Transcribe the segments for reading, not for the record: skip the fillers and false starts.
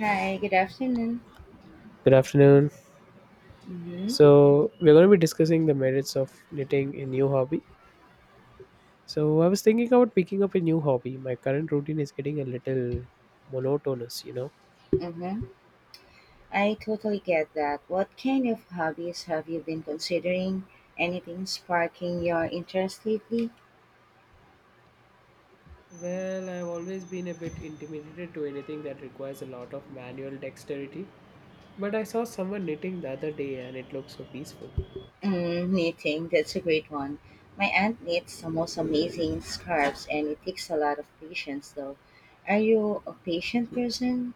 Hi, good afternoon. Good afternoon. Mm-hmm, So, we're going to be discussing the merits of knitting a new hobby. So, I was thinking about picking up a new hobby. My current routine is getting a little monotonous. mm-hmm. I totally get that. What kind of hobbies have you been considering? Anything sparking your interest lately? Well, I've always been a bit intimidated to anything that requires a lot of manual dexterity, but I saw someone knitting the other day and it looked so peaceful. Mm, knitting, that's a great one. My aunt knits the most amazing scarves and it takes a lot of patience though. Are you a patient person?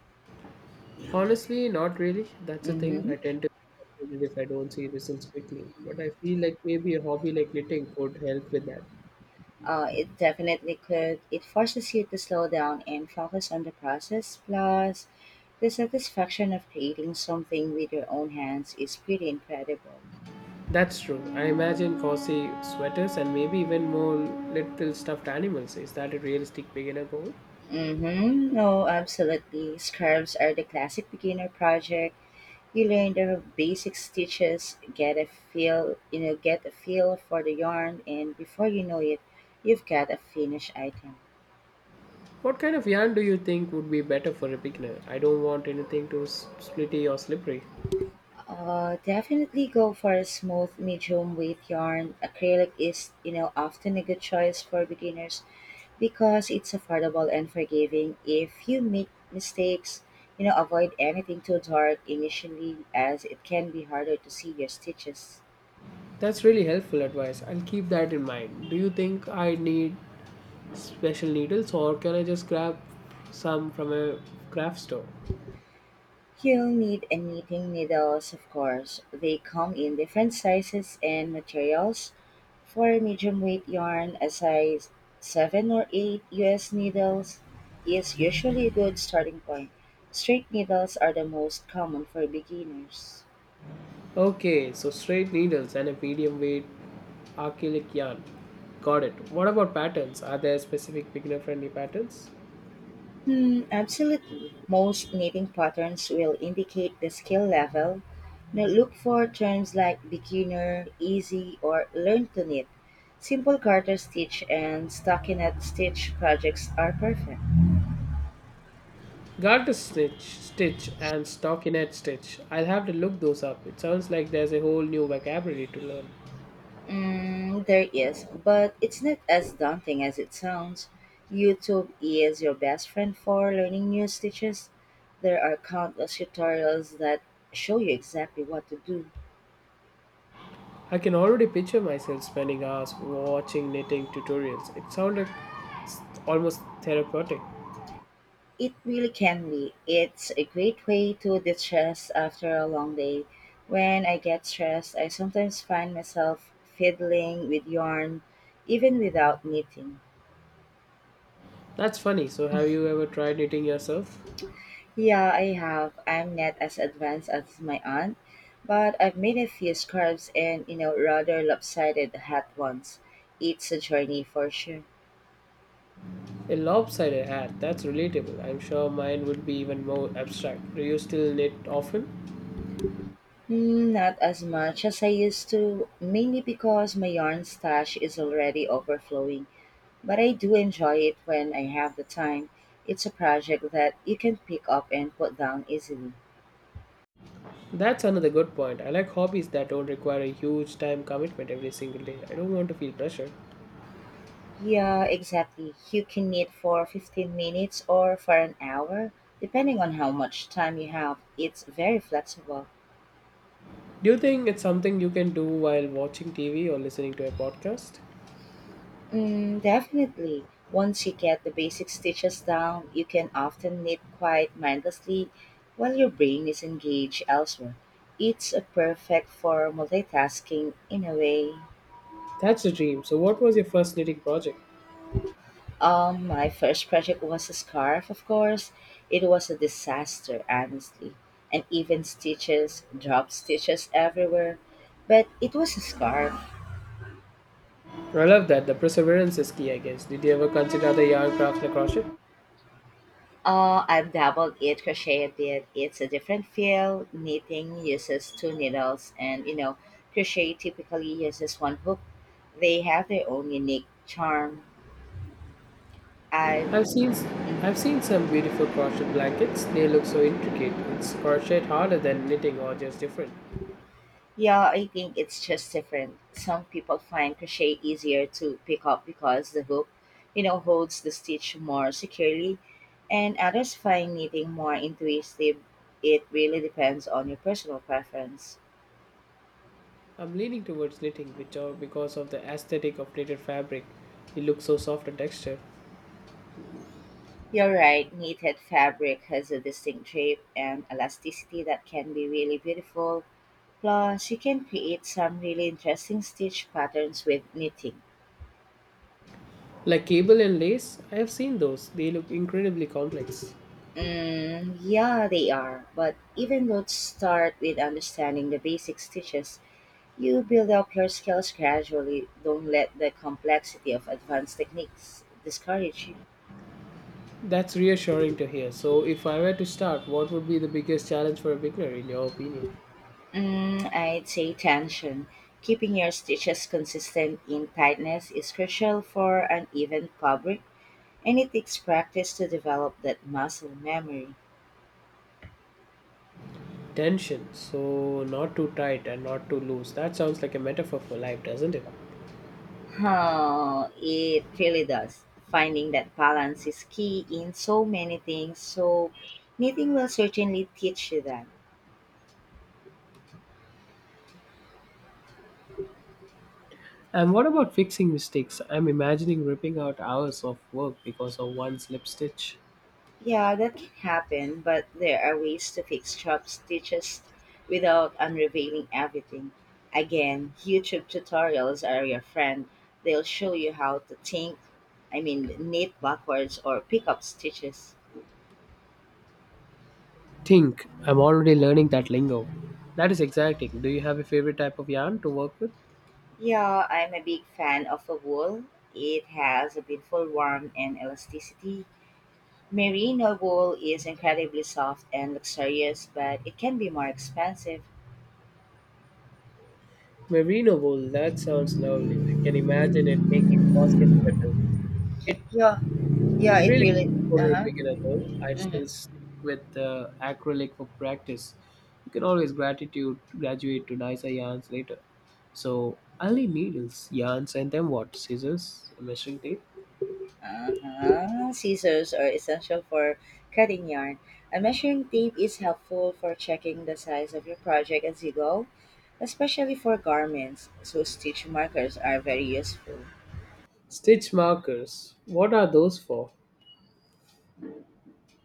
Honestly, not really. That's the thing. Mm-hmm. I tend to get frustrated if I don't see results quickly, but I feel like maybe a hobby like knitting could help with that. It definitely could. It forces you to slow down and focus on the process. Plus, the satisfaction of creating something with your own hands is pretty incredible. That's true. I imagine cozy sweaters and maybe even more little stuffed animals. Is that a realistic beginner goal? Mm-hmm. Oh, absolutely. Scarves are the classic beginner project. You learn the basic stitches, get a get a feel for the yarn, and before you know it, you've got a finished item. What kind of yarn do you think would be better for a beginner? I don't want anything too splitty or slippery. Definitely go for a smooth, medium weight yarn. Acrylic is, often a good choice for beginners because it's affordable and forgiving if you make mistakes. Avoid anything too dark initially as it can be harder to see your stitches. That's really helpful advice. I'll keep that in mind. Do you think I need special needles or can I just grab some from a craft store? You'll need a knitting needles, of course. They come in different sizes and materials. For medium weight yarn, a size 7 or 8 US needles is usually a good starting point. Straight needles are the most common for beginners. Okay, so straight needles and a medium weight acrylic yarn. Got it. What about patterns? Are there specific beginner friendly patterns? Hmm, absolutely. Most knitting patterns will indicate the skill level. Now look for terms like beginner, easy, or learn to knit. Simple garter stitch and stockinette stitch projects are perfect. Got to snitch, stitch, and stockinette stitch. I'll have to look those up. It sounds like there's a whole new vocabulary to learn. Mm, there is, but it's not as daunting as it sounds. YouTube is your best friend for learning new stitches. There are countless tutorials that show you exactly what to do. I can already picture myself spending hours watching knitting tutorials. It sounded almost therapeutic. It really can be. It's a great way to de-stress after a long day. When I get stressed, I sometimes find myself fiddling with yarn, even without knitting. That's funny. So, have you ever tried knitting yourself? Yeah, I have. I'm not as advanced as my aunt, but I've made a few scarves and, rather lopsided hat ones. It's a journey for sure. A lopsided hat. That's relatable. I'm sure mine would be even more abstract. Do you still knit often? Mm, not as much as I used to, mainly because my yarn stash is already overflowing. But I do enjoy it when I have the time. It's a project that you can pick up and put down easily. That's another good point. I like hobbies that don't require a huge time commitment every single day. I don't want to feel pressure. Yeah, exactly. You can knit for 15 minutes or for an hour, depending on how much time you have. It's very flexible. Do you think it's something you can do while watching TV or listening to a podcast? Mm, definitely. Once you get the basic stitches down, you can often knit quite mindlessly while your brain is engaged elsewhere. It's a perfect for multitasking in a way. That's a dream. So, what was your first knitting project? My first project was a scarf, of course. It was a disaster, honestly. And even stitches, drop stitches everywhere. But it was a scarf. I love that. The perseverance is key, I guess. Did you ever consider the yarn crafts and crochet? I've dabbled it, crochet a bit. It's a different feel. Knitting uses two needles, and crochet typically uses one hook. They have their own unique charm. I. I've seen, I've Mhm. seen some beautiful crochet blankets. They look so intricate. It's crochet harder than knitting, or just different. Yeah, I think it's just different. Some people find crochet easier to pick up because the hook, holds the stitch more securely, and others find knitting more intuitive. It really depends on your personal preference. I'm leaning towards knitting, which are because of the aesthetic of knitted fabric. It looks so soft and textured. You're right, knitted fabric has a distinct shape and elasticity that can be really beautiful. Plus, you can create some really interesting stitch patterns with knitting. Like cable and lace, I have seen those. They look incredibly complex. Mm, yeah, they are. But even though start with understanding the basics teaches, you build up your skills gradually. Don't let the complexity of advanced techniques discourage you. That's reassuring to hear. So, if I were to start, what would be the biggest challenge for a beginner, in your opinion? Mm, I'd say tension. Keeping your stitches consistent in tightness is crucial for an even fabric, and it takes practice to develop that muscle memory. Tension. So, not too tight and not too loose. That sounds like a metaphor for life, doesn't it? Huh, it really does. Finding that balance is key in so many things, so knitting will certainly teach you that. And what about fixing mistakes? I'm imagining ripping out hours of work because of one slip stitch. Yeah, that can happen, but there are ways to fix job stitches without unrevealing everything. Again, YouTube tutorials are your friend. They'll show you how to knit backwards or pick up stitches. Think. I'm already learning that lingo. That is exciting. Do you have a favorite type of yarn to work with? Yeah, I'm a big fan of a wool. It has a beautiful warmth and elasticity. Merino wool is incredibly soft and luxurious, but it can be more expensive. Merino wool. That sounds lovely. I can imagine it making countless sweaters. It Yeah, yeah, It it really really. Uh for a huh. beginner though. I'd Hmm. still stick with acrylic for practice. You can always gratitude graduate to nicer yarns later. So I'll need needles, yarns, and then what? Scissors, a measuring tape, Uh-huh. Scissors are essential for cutting yarn. A measuring tape is helpful for checking the size of your project as you go, especially for garments. So stitch markers are very useful. stitch markers. What are those for?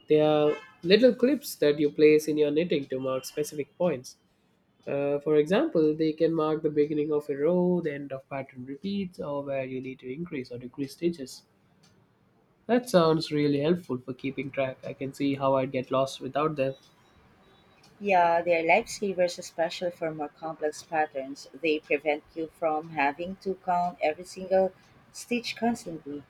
They are little clips that you place in your knitting to mark specific points. For example, they can mark the beginning of a row, the end of pattern repeats, or where you need to increase or decrease stitches. That sounds really helpful for keeping track. I can see how I'd get lost without them. Yeah, they're lifesavers, especially for more complex patterns. They prevent you from having to count every single stitch constantly.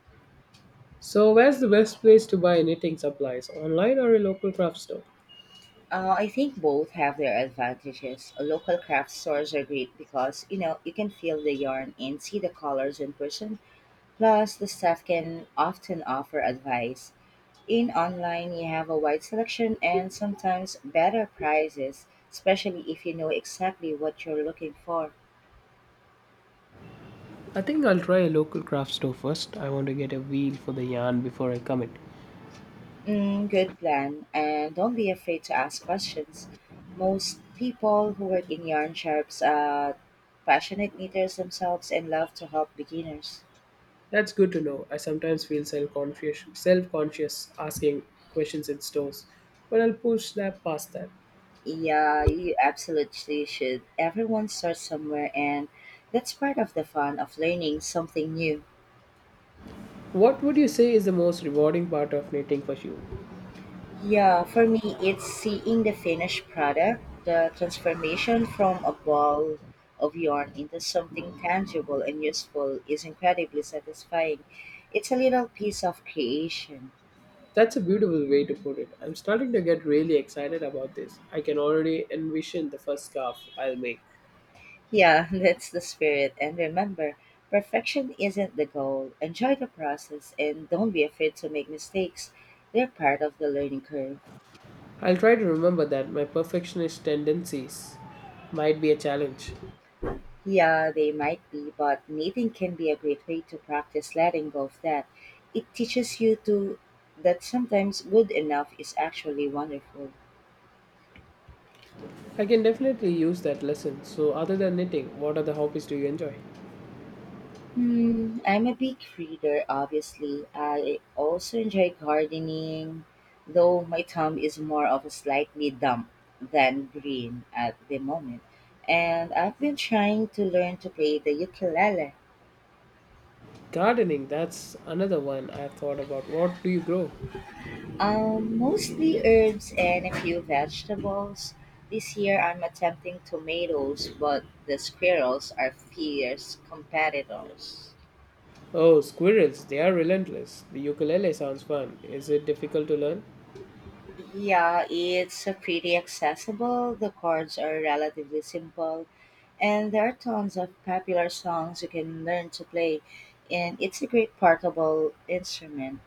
So, where's the best place to buy knitting supplies? Online or a local craft store? I think both have their advantages. Local craft stores are great because, you can feel the yarn and see the colors in person. Plus, the staff can often offer advice. In online, you have a wide selection and sometimes better prices, especially if you know exactly what you're looking for. I think I'll try a local craft store first. I want to get a feel for the yarn before I commit. Mm, good plan, and don't be afraid to ask questions. Most people who work in yarn shops are passionate knitters themselves and love to help beginners. That's good to know. I sometimes feel self-conscious asking questions in stores, but I'll push that past that. Yeah, you absolutely should. Everyone starts somewhere, and that's part of the fun of learning something new. What would you say is the most rewarding part of knitting for you? Yeah, for me, it's seeing the finished product, the transformation from a ball of yarn into something tangible and useful is incredibly satisfying. It's a little piece of creation. That's a beautiful way to put it. I'm starting to get really excited about this. I can already envision the first scarf I'll make. Yeah, that's the spirit. And remember, perfection isn't the goal. Enjoy the process and don't be afraid to make mistakes. They're part of the learning curve. I'll try to remember that my perfectionist tendencies might be a challenge. Yeah, they might be, but knitting can be a great way to practice letting go of that. It teaches you to that sometimes good enough is actually wonderful. I can definitely use that lesson. So, other than knitting, what other hobbies do you enjoy? Hmm, I'm a big reader, obviously. I also enjoy gardening, though my thumb is more of a slightly dumb than green at the moment. And I've been trying to learn to play the ukulele. Gardening, that's another one I've thought about. What do you grow? Mostly herbs and a few vegetables. This year I'm attempting tomatoes, but the squirrels are fierce competitors. Oh, squirrels, they are relentless. The ukulele sounds fun. Is it difficult to learn? Yeah, it's pretty accessible. The chords are relatively simple, and there are tons of popular songs you can learn to play, and it's a great portable instrument.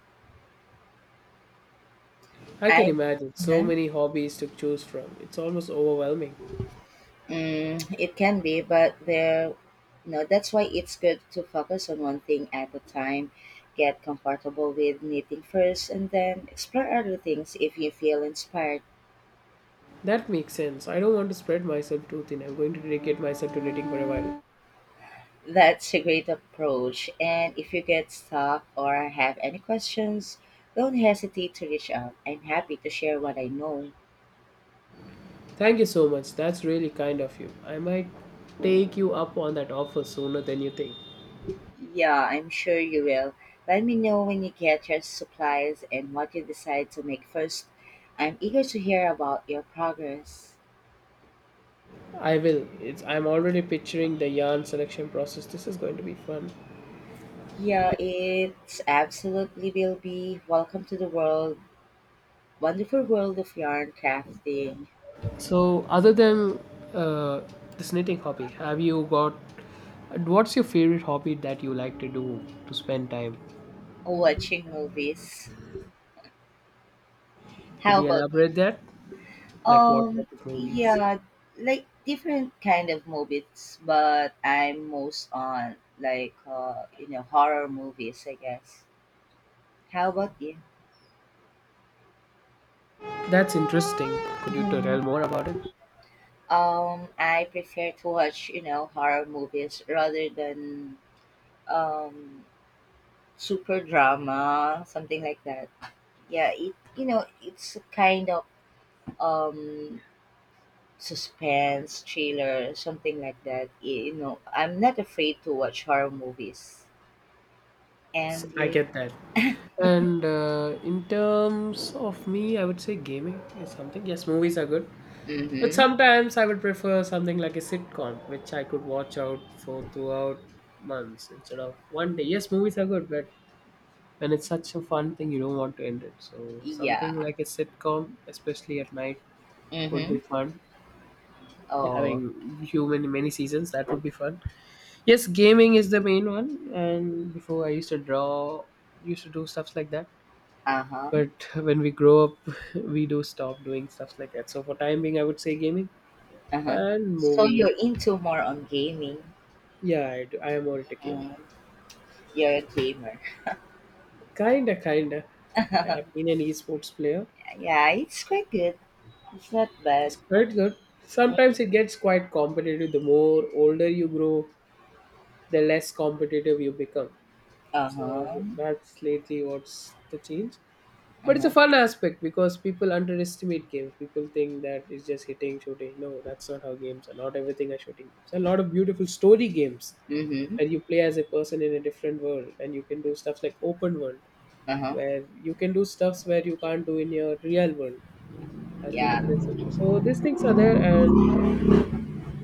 I can I imagine so Uh-huh. many hobbies to choose from. It's almost overwhelming. Mm, it can be, no, that's why it's good to focus on one thing at a time. Get comfortable with knitting first and then explore other things if you feel inspired. That makes sense. I don't want to spread myself too thin. I'm going to dedicate myself to knitting for a while. That's a great approach. And if you get stuck or have any questions, don't hesitate to reach out. I'm happy to share what I know. Thank you so much. That's really kind of you. I might take you up on that offer sooner than you think. Yeah, I'm sure you will. Let me know when you get your supplies and what you decide to make first. I'm eager to hear about your progress. I will. It's I'm already picturing the yarn selection process. This is going to be fun. Yeah, it's absolutely will be. Welcome to the wonderful world of yarn crafting, So, other than uh, this knitting hobby, have you got what's your favorite hobby that you like to do to spend time? watching movies. Could How you about elaborate that? Like what type um? of movies? Yeah, like different kind of movies, but I'm most on like horror movies, I guess. How about you? That's interesting. Could you Mhm. tell more about it? I prefer to watch horror movies rather than um super drama, something like that. Yeah, it it's a kind of um suspense thriller, something like that. You know, I'm not afraid to watch horror movies. And I you, get that. And in terms of me, I would say gaming is something. Yes, movies are good, but mm-hmm, sometimes I would prefer something like a sitcom, which I could watch out for throughout months instead of one day. Yes, movies are good, but when it's such a fun thing, you don't want to end it. So something yeah, like a sitcom, especially at night, would mm-hmm. be fun. Oh, Having human many seasons, that would be fun. Yes, gaming is the main one, and before I used to draw, used to do stuff like that uh-huh, but when we grow up we do stop doing stuff like that so for time being I would say gaming uh-huh. and So movies you're into more on gaming. yeah do. I am more into gaming Mm, you're a gamer. kinda. I have been an esports player. Yeah, it's quite good. It's not It's bad. quite good. Uh Sometimes it gets quite competitive. The more older you grow, the less competitive you become, so huh. that's lately what's the change. Uh But it's a huh. fun aspect because people underestimate games. People think that it's just hitting, shooting. No, that's not how games are. Not everything are shooting games. A lot of beautiful story games Mm hmm. where you play as a person in a different world and you can do stuff like open world Uh huh. where you can do stuffs where you can't do in your real world as due to Yeah. the restriction. So these things are there and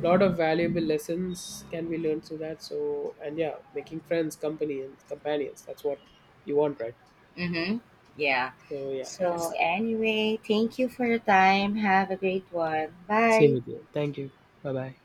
a lot of valuable lessons can be learned through that. So and yeah, making friends, company and companions. That's what you want, right? Mm-hmm. Yeah. So yeah, I So, guess anyway, thank you for your time. Have a great one. same Bye. with you. Thank you. Bye bye.